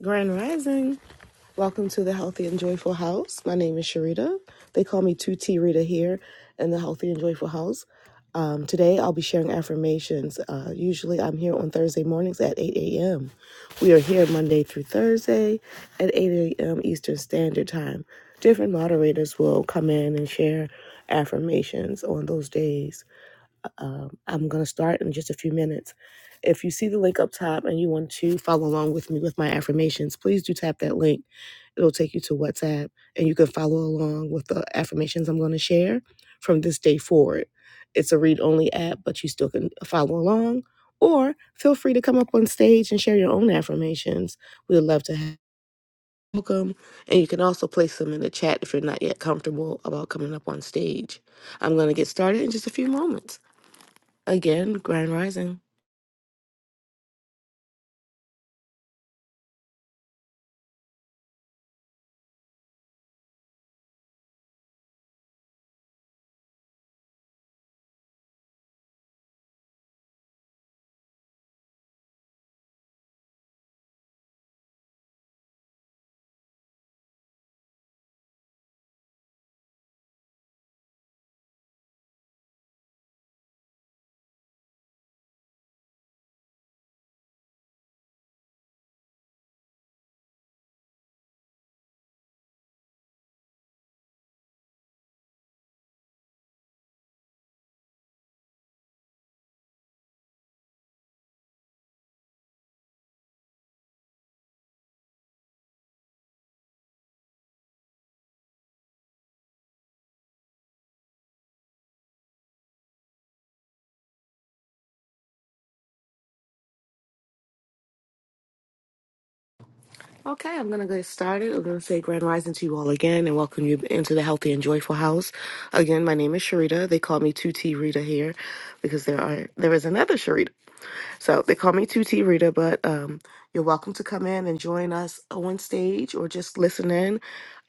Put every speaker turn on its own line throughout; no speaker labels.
Grand Rising. Welcome to the Healthy and Joyful House. My name is Sharita. They call me 2T Rita here in the Healthy and Joyful House. Um, today I'll be sharing affirmations. Uh, usually I'm here on Thursday mornings at 8 a.m. We are here Monday through Thursday at 8 a.m. Eastern Standard Time. Different moderators will come in and share affirmations on those days. I'm going to start in just a few minutes. If you see the link up top and you want to follow along with me with my affirmations, please do tap that link. It'll take you to WhatsApp and you can follow along with the affirmations I'm going to share from this day forward. It's a read only app, but you still can follow along or feel free to come up on stage and share your own affirmations. We'd love to have welcome and you can also place them in the chat if you're not yet comfortable about coming up on stage. I'm going to get started in just a few moments. Again, Grand Rising. Okay, I'm going to get started. I'm going to say Grand Rising to you all again and welcome you into the Healthy and Joyful House. Again, my name is Sharita. They call me 2T Rita here because there are there is another Sharita. So they call me 2T Rita, but um, you're welcome to come in and join us on stage or just listen in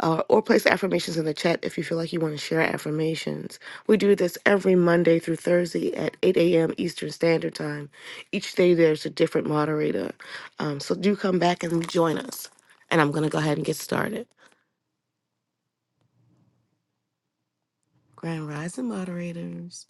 uh, or place affirmations in the chat if you feel like you want to share affirmations. We do this every Monday through Thursday at 8 a.m. Eastern Standard Time. Each day there's a different moderator. Um, so do come back and join us. And I'm going to go ahead and get started. Grand Rising moderators.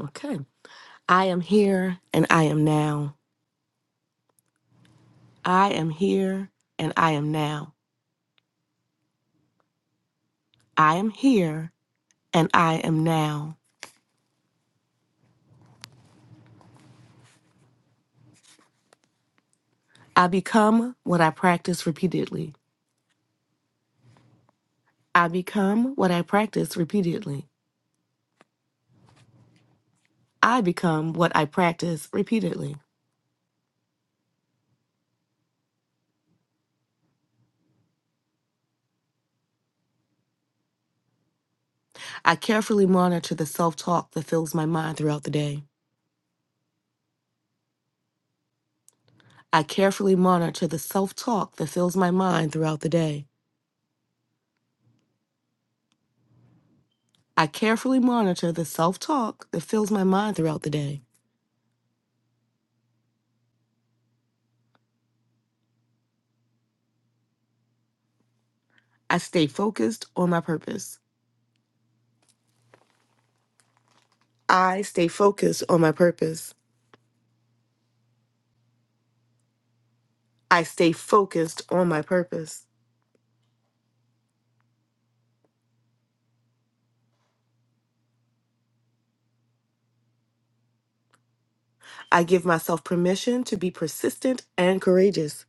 Okay. I am here and I am now. I am here and I am now. I am here and I am now. I become what I practice repeatedly. I become what I practice repeatedly. I become what I practice repeatedly. I carefully monitor the self talk that fills my mind throughout the day. I carefully monitor the self talk that fills my mind throughout the day. I carefully monitor the self talk that fills my mind throughout the day. I stay focused on my purpose. I stay focused on my purpose. I stay focused on my purpose. I give myself permission to be persistent and courageous.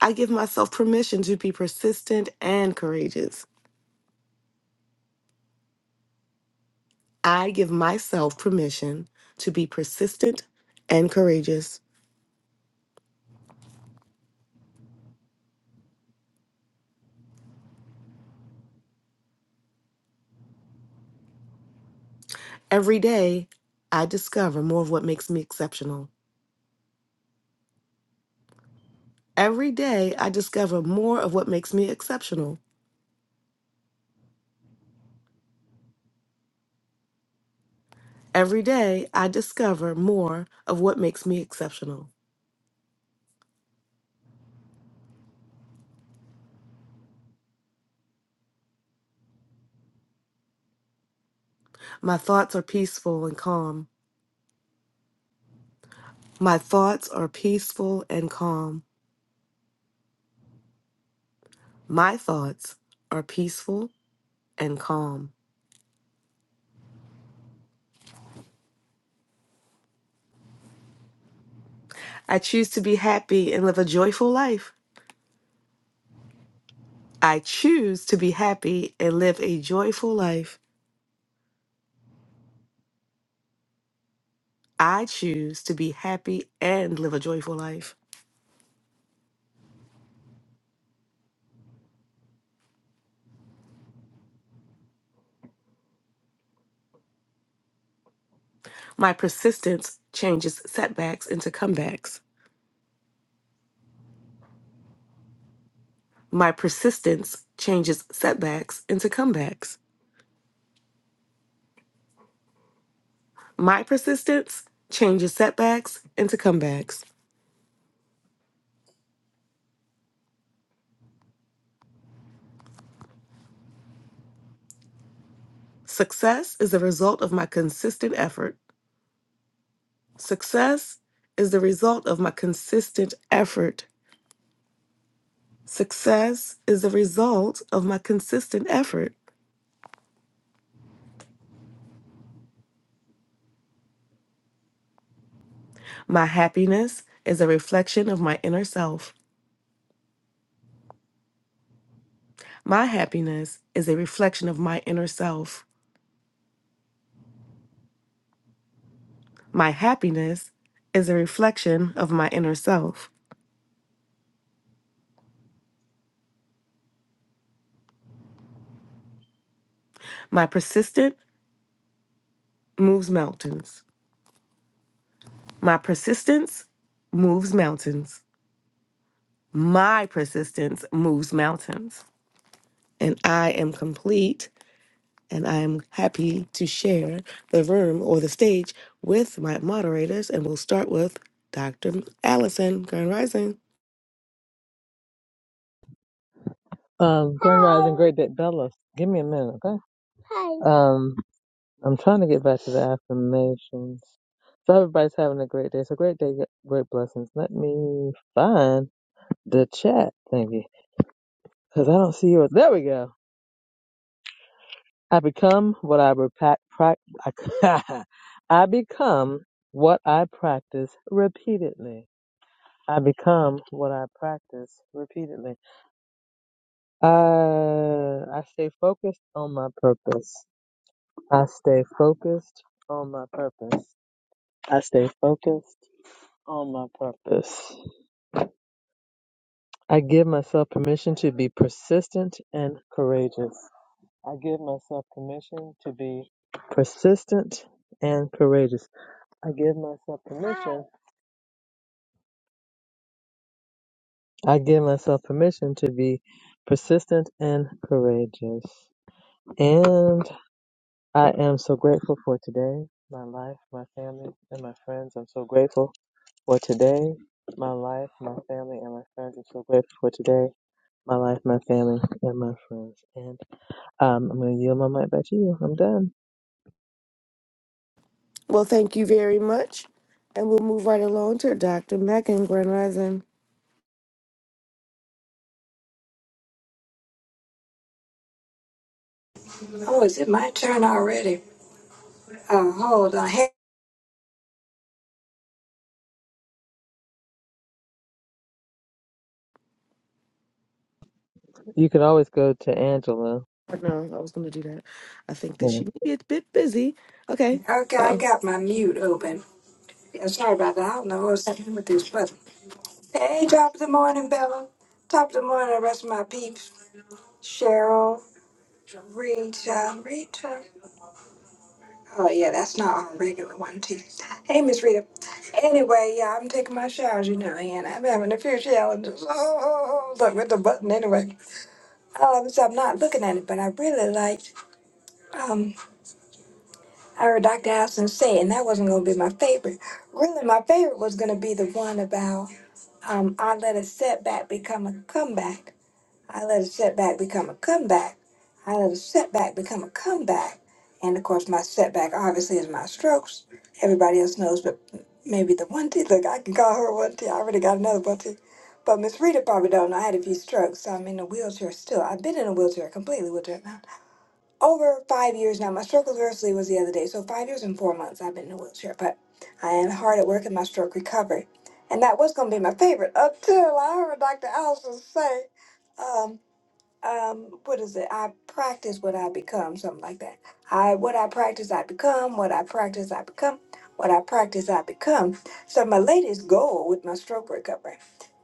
I give myself permission to be persistent and courageous. I give myself permission to be persistent and courageous. Every day, I discover more of what makes me exceptional. Every day, I discover more of what makes me exceptional. Every day, I discover more of what makes me exceptional. My thoughts are peaceful and calm. My thoughts are peaceful and calm. My thoughts are peaceful and calm. I choose to be happy and live a joyful life. I choose to be happy and live a joyful life. I choose to be happy and live a joyful life. My persistence changes setbacks into comebacks. My persistence changes setbacks into comebacks. My persistence changes setbacks into comebacks. Success is the result of my consistent effort. Success is the result of my consistent effort. Success is the result of my consistent effort. My happiness is a reflection of my inner self. My happiness is a reflection of my inner self. My happiness is a reflection of my inner self. My persistence moves mountains. My persistence moves mountains. My persistence moves mountains. And I am complete And I am happy to share the room or the stage with my moderators. And we'll start with Dr. Allison Grand Rising.
Um, Grand Rising Great Big Bella, give me a minute, okay? Um, I'm trying to get back to the affirmations. So everybody's having a great day. So great day, yeah, great blessings. Let me find the chat thingy because I don't see yours. There we go. I become what I repa- prac I, I become what I practice repeatedly. I become what I practice repeatedly. Uh, I stay focused on my purpose. I stay focused on my purpose. I stay focused on my purpose. I give myself permission to be persistent and courageous. I give myself permission to be persistent and courageous. I give myself permission. I give myself permission to be persistent and courageous. And I am so grateful for today, my life, my family, and my friends. I'm so grateful for today, my life, my family, and my friends. I'm so grateful for today, my life, my family, and my friends. And um, I'm going to yield my mic back to you. I'm done.
Well, thank you very much. And we'll move right along to Dr. Megan Grand Rising.
Oh, is it my turn already? Uh, hold on. Hey,
You can always go to Angela.
Oh, No, I was going to do that. I think
Yeah.
that she may be a bit busy. Okay.
okay,
Uh
I
oh.
got my mute open. Yeah, sorry about that. I don't know what's happening with this button. Hey, top of the morning, Bella. Top of the morning, the rest of my peeps. Cheryl, Rita, Rita. Oh, yeah, that's not our regular one, too. Hey, Miss Rita. Anyway, yeah, I'm taking my showers, you know, and I'm having a few challenges. Oh, oh, oh, oh, look, with the button anyway. Um, so I'm not looking at it, but I really liked. um I heard Dr. Allison say, and that wasn't going to be my favorite. Really, my favorite was going to be the one about um, I let a setback become a comeback. I let a setback become a comeback. I let a setback become a comeback. And of course, my setback obviously is my strokes. Everybody else knows, but maybe the one T. Look, I can call her one T. I already got another one T. But Miss Rita probably don't know. I had a few strokes, so I'm in a wheelchair still. I've been in a wheelchair, completely wheelchair over five years now. My stroke anniversary was the other day, so five years and four months I've been in a wheelchair, but I am hard at work in my stroke recovery. And that was going to be my favorite until I heard Dr. Allison say, um, um, what is it? I practice what I become, something like that. I what I practice I become, what I practice I become, what I practice I become. So my latest goal with my stroke recovery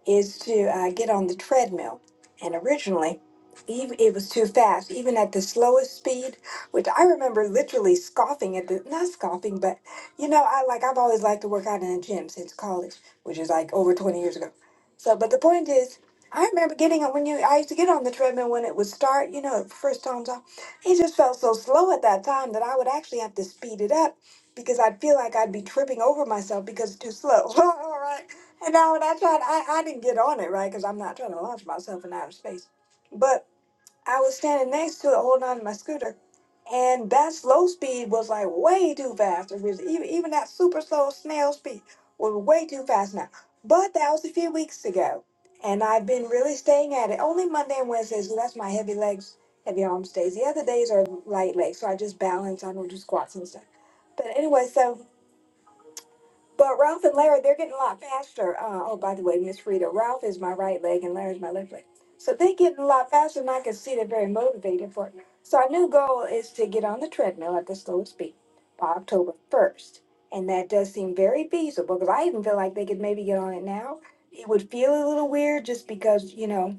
is to uh, get on the treadmill. And originally, even, it was too fast, even at the slowest speed, which I remember literally scoffing at the, not scoffing, but you know, I like, I've always liked to work out in a gym since college, which is like over 20 years ago. So, but the point is, I remember getting on when you, I used to get on the treadmill when it would start, you know, first time's off. It just felt so slow at that time that I would actually have to speed it up because I'd feel like I'd be tripping over myself because it's too slow. All right. And now that's I I, I didn't get on it, right? Because I'm not trying to launch myself in outer space. But I was standing next to it, holding on to my scooter, and that slow speed was like way too fast. It was even, even that super slow snail speed was way too fast now. But that was a few weeks ago, and I've been really staying at it. Only Monday and Wednesdays, so that's my heavy legs, heavy arms days. The other days are light legs, so I just balance. I don't do squats and stuff. But anyway, so but Ralph and Larry, they're getting a lot faster. Uh, oh, by the way, Miss Rita, Ralph is my right leg and Larry's my left leg. So they're getting a lot faster, and I can see they're very motivated for it. So our new goal is to get on the treadmill at the slowest speed by October 1st. And that does seem very feasible because I even feel like they could maybe get on it now. It would feel a little weird just because, you know,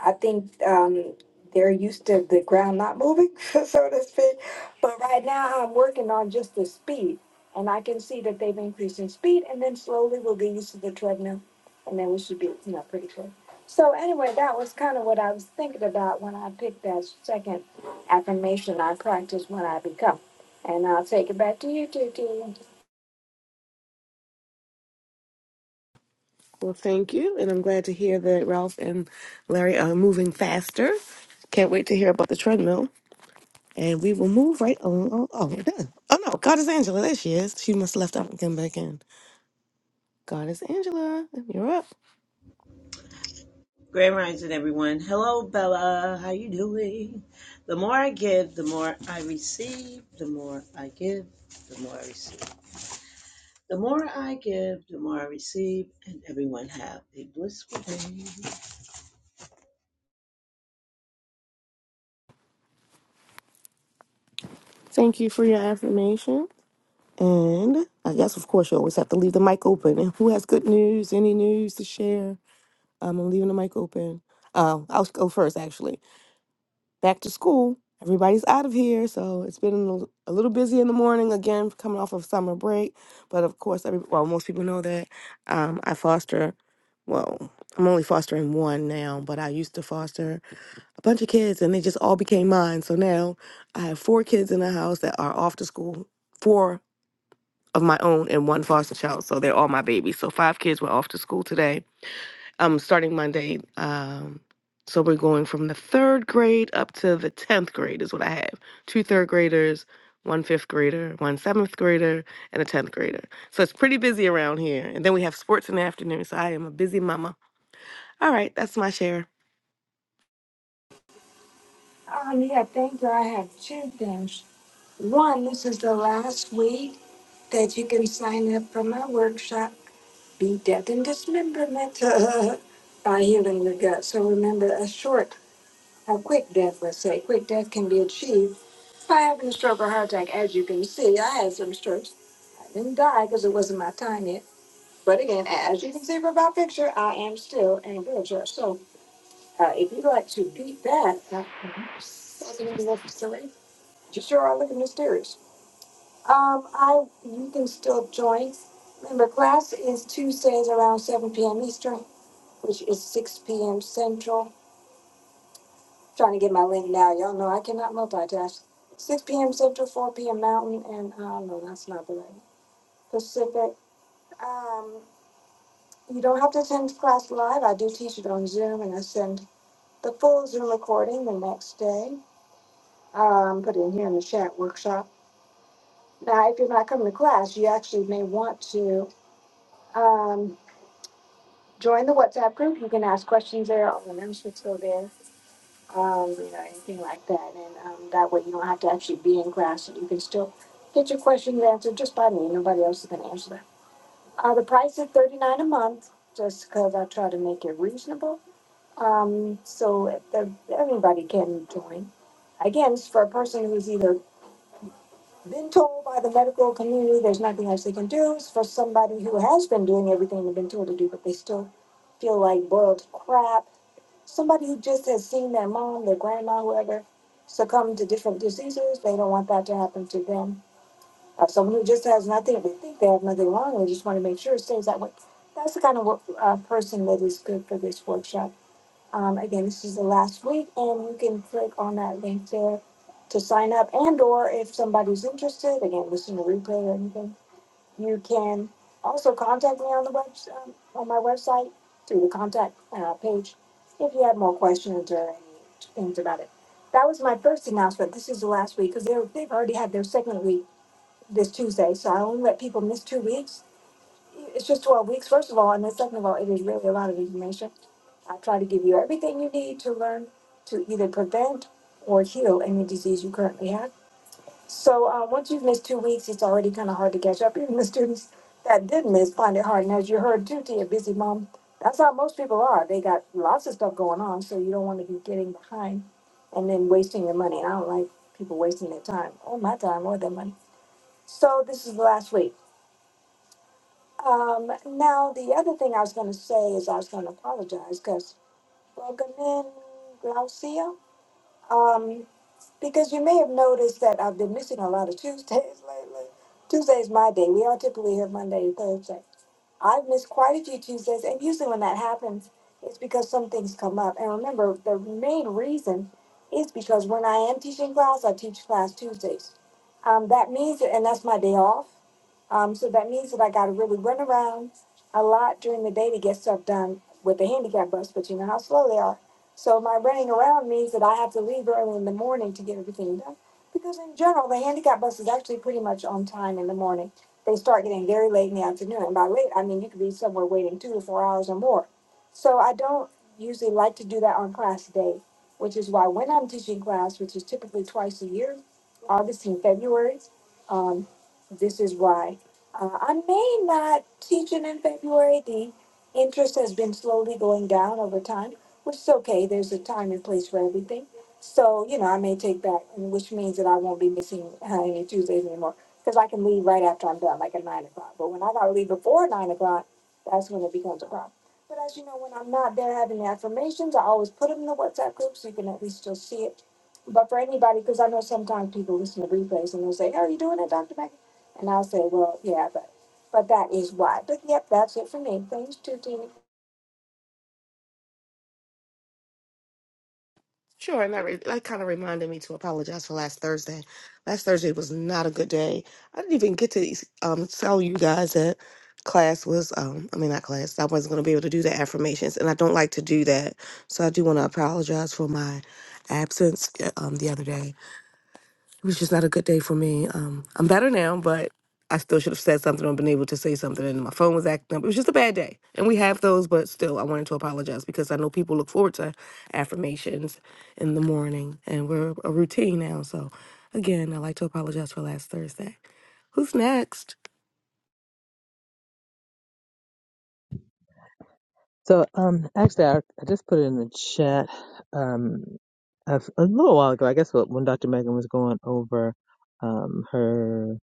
I think um, they're used to the ground not moving, so to speak. But right now, I'm working on just the speed, and I can see that they've increased in speed, and then slowly we'll get used to the treadmill, and then we should be, you know, pretty good. So anyway, that was kind of what I was thinking about when I picked that second affirmation. I practice when I become, and I'll take it back to you, Tutu.
Well, thank you. And I'm glad to hear that Ralph and Larry are moving faster. Can't wait to hear about the treadmill. And we will move right on. Oh, oh, we're done. Oh no, God is Angela. There she is. She must have left out and come back in. God is Angela. You're up.
Grand Rising, everyone. Hello, Bella. How you doing? The more I give, the more I receive. The more I give, the more I receive. The more I give, the more I receive. And everyone have a blissful day.
Thank you for your affirmation. And I guess, of course, you always have to leave the mic open. And who has good news? Any news to share? Um, I'm leaving the mic open. Uh, I'll go first, actually. back to school. Everybody's out of here, so it's been a little a little busy in the morning again, coming off of summer break. But of course, every well, most people know that um, I foster. Well, I'm only fostering one now, but I used to foster a bunch of kids, and they just all became mine. So now I have four kids in the house that are off to school, four of my own, and one foster child. So they're all my babies. So five kids were off to school today um, starting Monday. Um, so we're going from the third grade up to the 10th grade, is what I have. Two third graders, one fifth grader, one seventh grader, and a 10th grader. So it's pretty busy around here. And then we have sports in the afternoon. So I am a busy mama. All right, that's my share.
Um, yeah, thank you. I have two things. One, this is the last week that you can sign up for my workshop, Be Death and Dismemberment by Healing Your Gut. So remember, a short, a quick death, let's say, quick death can be achieved by having a stroke or heart attack. As you can see, I had some strokes. I didn't die because it wasn't my time yet. But again, as you can see from my picture, I am still in a wheelchair. So uh, if you'd like to beat that, uh, you sure are looking mysterious. Um, I you can still join. Remember, class is Tuesdays around seven p.m. Eastern, which is six p.m. Central. trying to get my link now. Y'all know I cannot multitask. Six p.m. Central, four p.m. Mountain, and uh, no, that's not the right Pacific. Um, you don't have to attend class live. I do teach it on Zoom, and I send the full Zoom recording the next day. Um, put it in here in the chat workshop. Now, if you're not coming to class, you actually may want to. Um, join the WhatsApp group. You can ask questions there. All the numbers are still there. Um, you know, anything like that. And um, that way you don't have to actually be in class. You can still get your questions answered just by me. Nobody else is going to answer them. Uh, the price is thirty nine a month, just because I try to make it reasonable. Um, so if the, everybody can join. Again, it's for a person who's either been told by the medical community there's nothing else they can do So for somebody who has been doing everything they've been told to do, but they still feel like boiled crap. Somebody who just has seen their mom, their grandma, whoever, succumb to different diseases, they don't want that to happen to them. Or someone who just has nothing, they think they have nothing wrong, they just want to make sure it stays that way. That's the kind of wo- uh, person that is good for this workshop. Um, again, this is the last week, and you can click on that link there to sign up. And or if somebody's interested, again, listen to replay or anything, you can also contact me on the web um, on my website through the contact uh, page if you have more questions or any things about it. That was my first announcement. This is the last week because they've already had their second week this Tuesday, so I only let people miss two weeks. It's just twelve weeks, first of all, and then second of all, it is really a lot of information. I try to give you everything you need to learn to either prevent or heal any disease you currently have. So uh, once you've missed two weeks, it's already kind of hard to catch up. Even the students that did miss find it hard. And as you heard too, to your busy mom, that's how most people are. They got lots of stuff going on, so you don't want to be getting behind and then wasting your money. And I don't like people wasting their time, or my time, or their money. So this is the last week. Um, now the other thing I was going to say is I was going to apologize because Welcome in, Glaucia. Um, because you may have noticed that I've been missing a lot of Tuesdays lately. Tuesday's my day. We are typically here Monday and Thursday. I've missed quite a few Tuesdays, and usually when that happens, it's because some things come up. And remember, the main reason is because when I am teaching class, I teach class Tuesdays. Um, that means that, and that's my day off. Um, so that means that I got to really run around a lot during the day to get stuff done with the handicap bus, but you know how slow they are. So my running around means that I have to leave early in the morning to get everything done. Because in general, the handicap bus is actually pretty much on time in the morning. They start getting very late in the afternoon, and by late I mean you could be somewhere waiting two to four hours or more. So I don't usually like to do that on class day, which is why when I'm teaching class, which is typically twice a year, August and February, um, this is why uh, I may not teach it in February. The interest has been slowly going down over time which is okay. There's a time and place for everything. So, you know, I may take back, and which means that I won't be missing uh, any Tuesdays anymore because I can leave right after I'm done, like at nine o'clock. But when I got to leave before nine o'clock, that's when it becomes a problem. But as you know, when I'm not there having the affirmations, I always put them in the WhatsApp group so you can at least still see it. But for anybody, because I know sometimes people listen to replays and they'll say, "How are you doing it, Dr. Mac?" And I'll say, "Well, yeah, but." But that is why. But yep, that's it for me. Thanks, Tuesday.
Sure, and that re- that kind of reminded me to apologize for last Thursday. Last Thursday was not a good day. I didn't even get to um, tell you guys that class was um I mean not class. I wasn't going to be able to do the affirmations, and I don't like to do that. So I do want to apologize for my absence uh, um the other day. It was just not a good day for me. Um, I'm better now, but I still should have said something or been able to say something. And my phone was acting up. It was just a bad day. And we have those, but still, I wanted to apologize because I know people look forward to affirmations in the morning, and we're a routine now. So, again, I'd like to apologize for last Thursday. Who's next?
So, um, actually, I, I just put it in the chat um, a, f- a little while ago. I guess wh- when Dr. Megan was going over um, her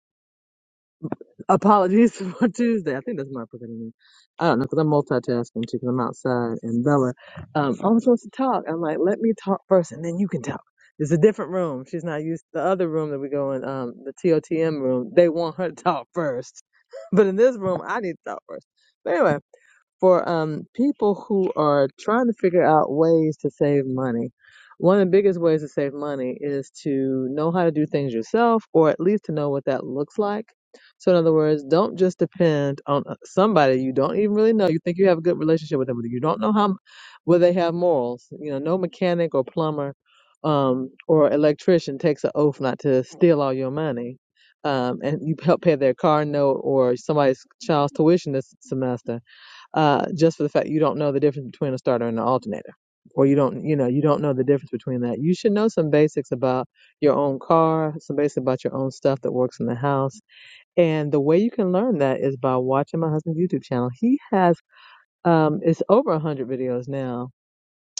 apologies for Tuesday. I think that's my proper name. I don't know because I'm multitasking too. Because I'm outside and Bella. Um, I'm supposed to talk. I'm like, let me talk first, and then you can talk. It's a different room. She's not used the other room that we go in. Um, the TOTM room. They want her to talk first, but in this room, I need to talk first. But anyway for um, people who are trying to figure out ways to save money, one of the biggest ways to save money is to know how to do things yourself, or at least to know what that looks like. So, in other words, don't just depend on uh, somebody you don't even really know. You think you have a good relationship with them, but you don't know how whether they have morals. You know, no mechanic or plumber um, or electrician takes an oath not to steal all your money. Um, and you help pay their car note or somebody's child's tuition this semester uh, just for the fact you don't know the difference between a starter and an alternator, or you don't, you know, you don't know the difference between that. You should know some basics about your own car, some basics about your own stuff that works in the house. And the way you can learn that is by watching my husband's YouTube channel. He has, um, it's over a hundred videos now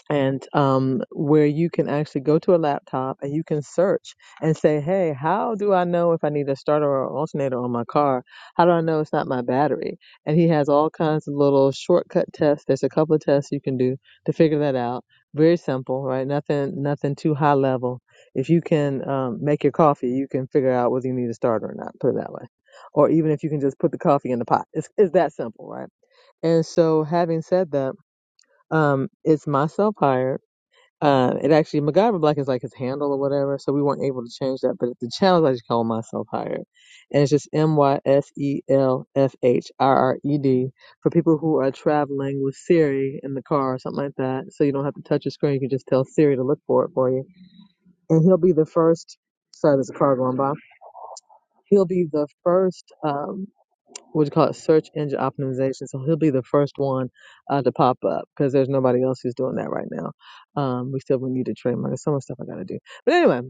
and um, where you can actually go to a laptop and you can search and say, hey, how do I know if I need a starter or alternator on my car? How do I know it's not my battery? And he has all kinds of little shortcut tests. There's a couple of tests you can do to figure that out. Very simple, right? Nothing, nothing too high level. If you can um, make your coffee, you can figure out whether you need a starter or not. Put it that way. Or even if you can just put the coffee in the pot, it's, it's that simple, right? And so, having said that, um, it's myself hired uh, it actually MacGyver Black is like his handle or whatever, so we weren't able to change that. But the channel I just call myself hired, and it's just M Y S E L F H I R E D for people who are traveling with Siri in the car or something like that. So you don't have to touch your screen; you can just tell Siri to look for it for you, and he'll be the first. Sorry, there's a car going by. He'll be the first. Um, what you call it, search engine optimization. So he'll be the first one uh, to pop up because there's nobody else who's doing that right now. Um, we still would need to trademark. There's so much stuff I got to do. But anyway,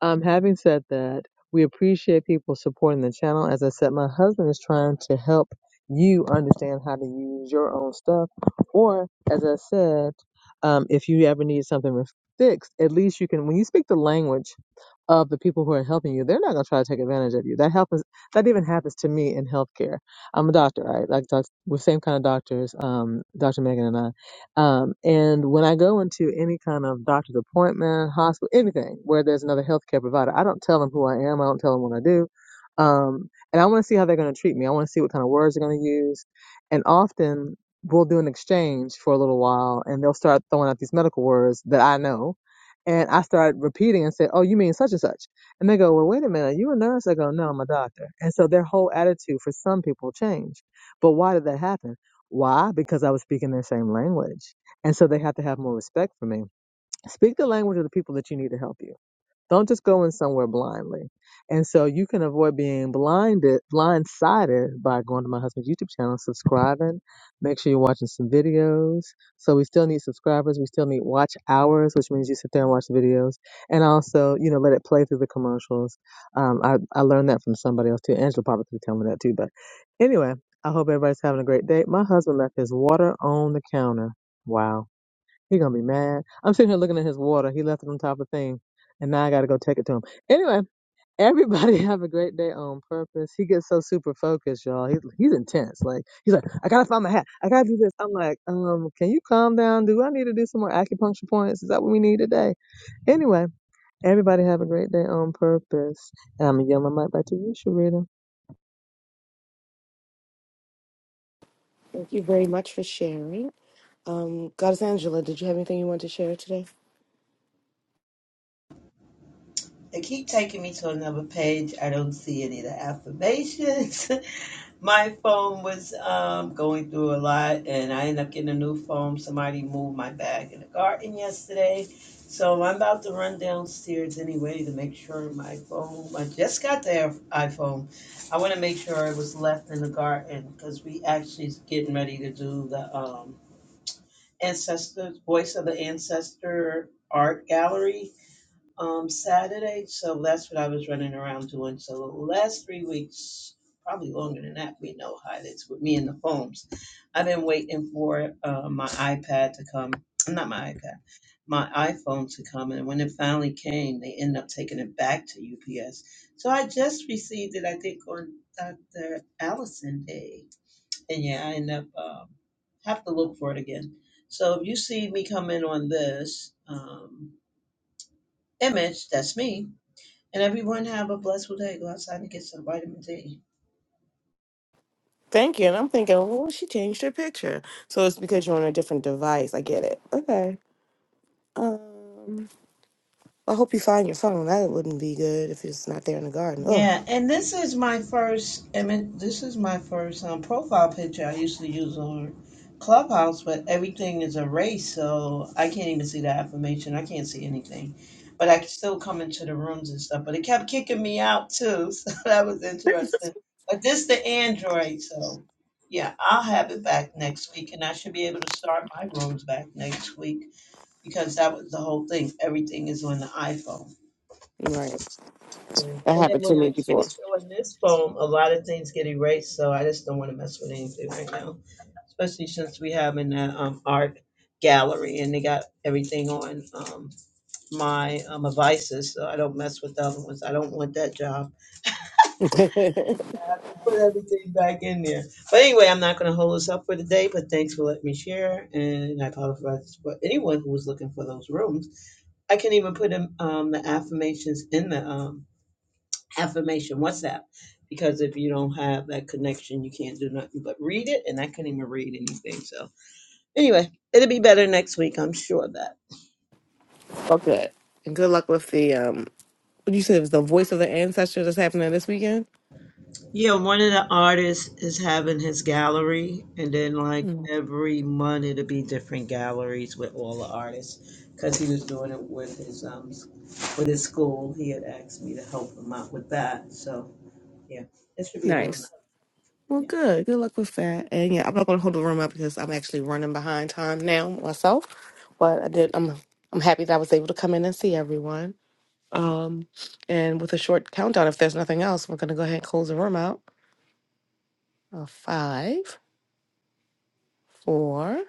um, having said that, we appreciate people supporting the channel. As I said, my husband is trying to help you understand how to use your own stuff. Or, as I said, um, if you ever need something fixed, at least you can, when you speak the language of the people who are helping you, they're not going to try to take advantage of you. That happens, that even happens to me in healthcare. I'm a doctor, right? Like doc- we're same kind of doctors, um, Dr. Megan and I. Um, and when I go into any kind of doctor's appointment, hospital, anything where there's another healthcare provider, I don't tell them who I am. I don't tell them what I do. Um, and I want to see how they're going to treat me. I want to see what kind of words they're going to use. And often we'll do an exchange for a little while and they'll start throwing out these medical words that I know. And I start repeating and say, oh, you mean such and such and they go, well, wait a minute, you a nurse? They go, no, I'm a doctor. And so their whole attitude for some people changed. But why did that happen? Why? Because I was speaking their same language. And so they have to have more respect for me. Speak the language of the people that you need to help you. Don't just go in somewhere blindly. And so you can avoid being blinded, blindsided by going to my husband's YouTube channel, subscribing. Make sure you're watching some videos. So we still need subscribers. We still need watch hours, which means you sit there and watch the videos. And also, you know, let it play through the commercials. Um, I, I learned that from somebody else too. Angela probably could tell me that too. But anyway, I hope everybody's having a great day. My husband left his water on the counter. Wow. He gonna be mad. I'm sitting here looking at his water. He left it on top of the thing, and now I gotta go take it to him. Anyway, everybody have a great day on purpose. He gets so super focused, y'all. He's he's intense. Like he's like, I gotta find my hat. I gotta do this. I'm like, um, can you calm down? Do I need to do some more acupuncture points? Is that what we need today? Anyway, everybody have a great day on purpose, and I'm gonna yell my mic back to you, Sharita.
Thank you very much for sharing. Um, Goddess Angela, did you have anything you wanted to share today?
They keep taking me to another page. I don't see any of the affirmations. my phone was um, going through a lot, and I ended up getting a new phone. Somebody moved my bag in the garden yesterday. So I'm about to run downstairs anyway to make sure my phone. I just got the iPhone. I want to make sure it was left in the garden because we actually getting ready to do the um, ancestors voice of the ancestor art gallery um Saturday, so that's what I was running around doing. So the last three weeks, probably longer than that, we know how it is with me and the phones. I've been waiting for uh, my iPad to come, not my iPad, my iPhone to come, and when it finally came, they ended up taking it back to UPS. So I just received it, I think, on Dr. Allison Day, and yeah, I end up um, have to look for it again. So if you see me come in on this um, image, that's me and everyone have a blessed day. Go outside and get some vitamin D.
Thank you. And I'm thinking, well, she changed her picture. So it's because you're on a different device. I get it. Okay. Um, I hope you find your phone. That wouldn't be good if it's not there in the garden. Ugh.
Yeah, and this is my first image. This is my first um, profile picture. I usually use on Clubhouse, but everything is erased, so I can't even see the affirmation. I can't see anything, but I can still come into the rooms and stuff. But it kept kicking me out too, so that was interesting. But this the Android, so yeah, I'll have it back next week, and I should be able to start my rooms back next week because that was the whole thing. Everything is on the iPhone.
Right.
Yeah.
That
And then
happened to
when
me
I
before.
switch on this phone, a lot of things get erased, so I just don't want to mess with anything right now, especially since we have in that um, art gallery and they got everything on um, my um, devices, so I don't mess with the other ones. I don't want that job.
okay.
I have to put everything back in there. But anyway, I'm not going to hold us up for today, but thanks for letting me share. And I apologize for anyone who was looking for those rooms. I can even put in, um, the affirmations in the um, affirmation What's that? because if you don't have that connection, you can't do nothing but read it. And I couldn't even read anything. So anyway, it'll be better next week. I'm sure of that.
And good luck with the um what you said it was the voice of the ancestor that's happening this weekend?
Yeah, one of the artists is having his gallery, and then like
Mm.
every month it'll be different galleries with all the artists because he was doing it with his um with his school. He had asked me to help him out with that. So yeah, it should be real nice.
Nice.
Yeah.
Well good. Good luck with that. And yeah, I'm not gonna hold the room up because I'm actually running behind time now myself. But I did I'm I'm happy that I was able to come in and see everyone. Um and with a short countdown, if there's nothing else, we're gonna go ahead and close the room out. Uh, five, four,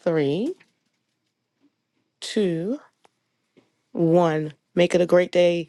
three, two, one. Make it a great day.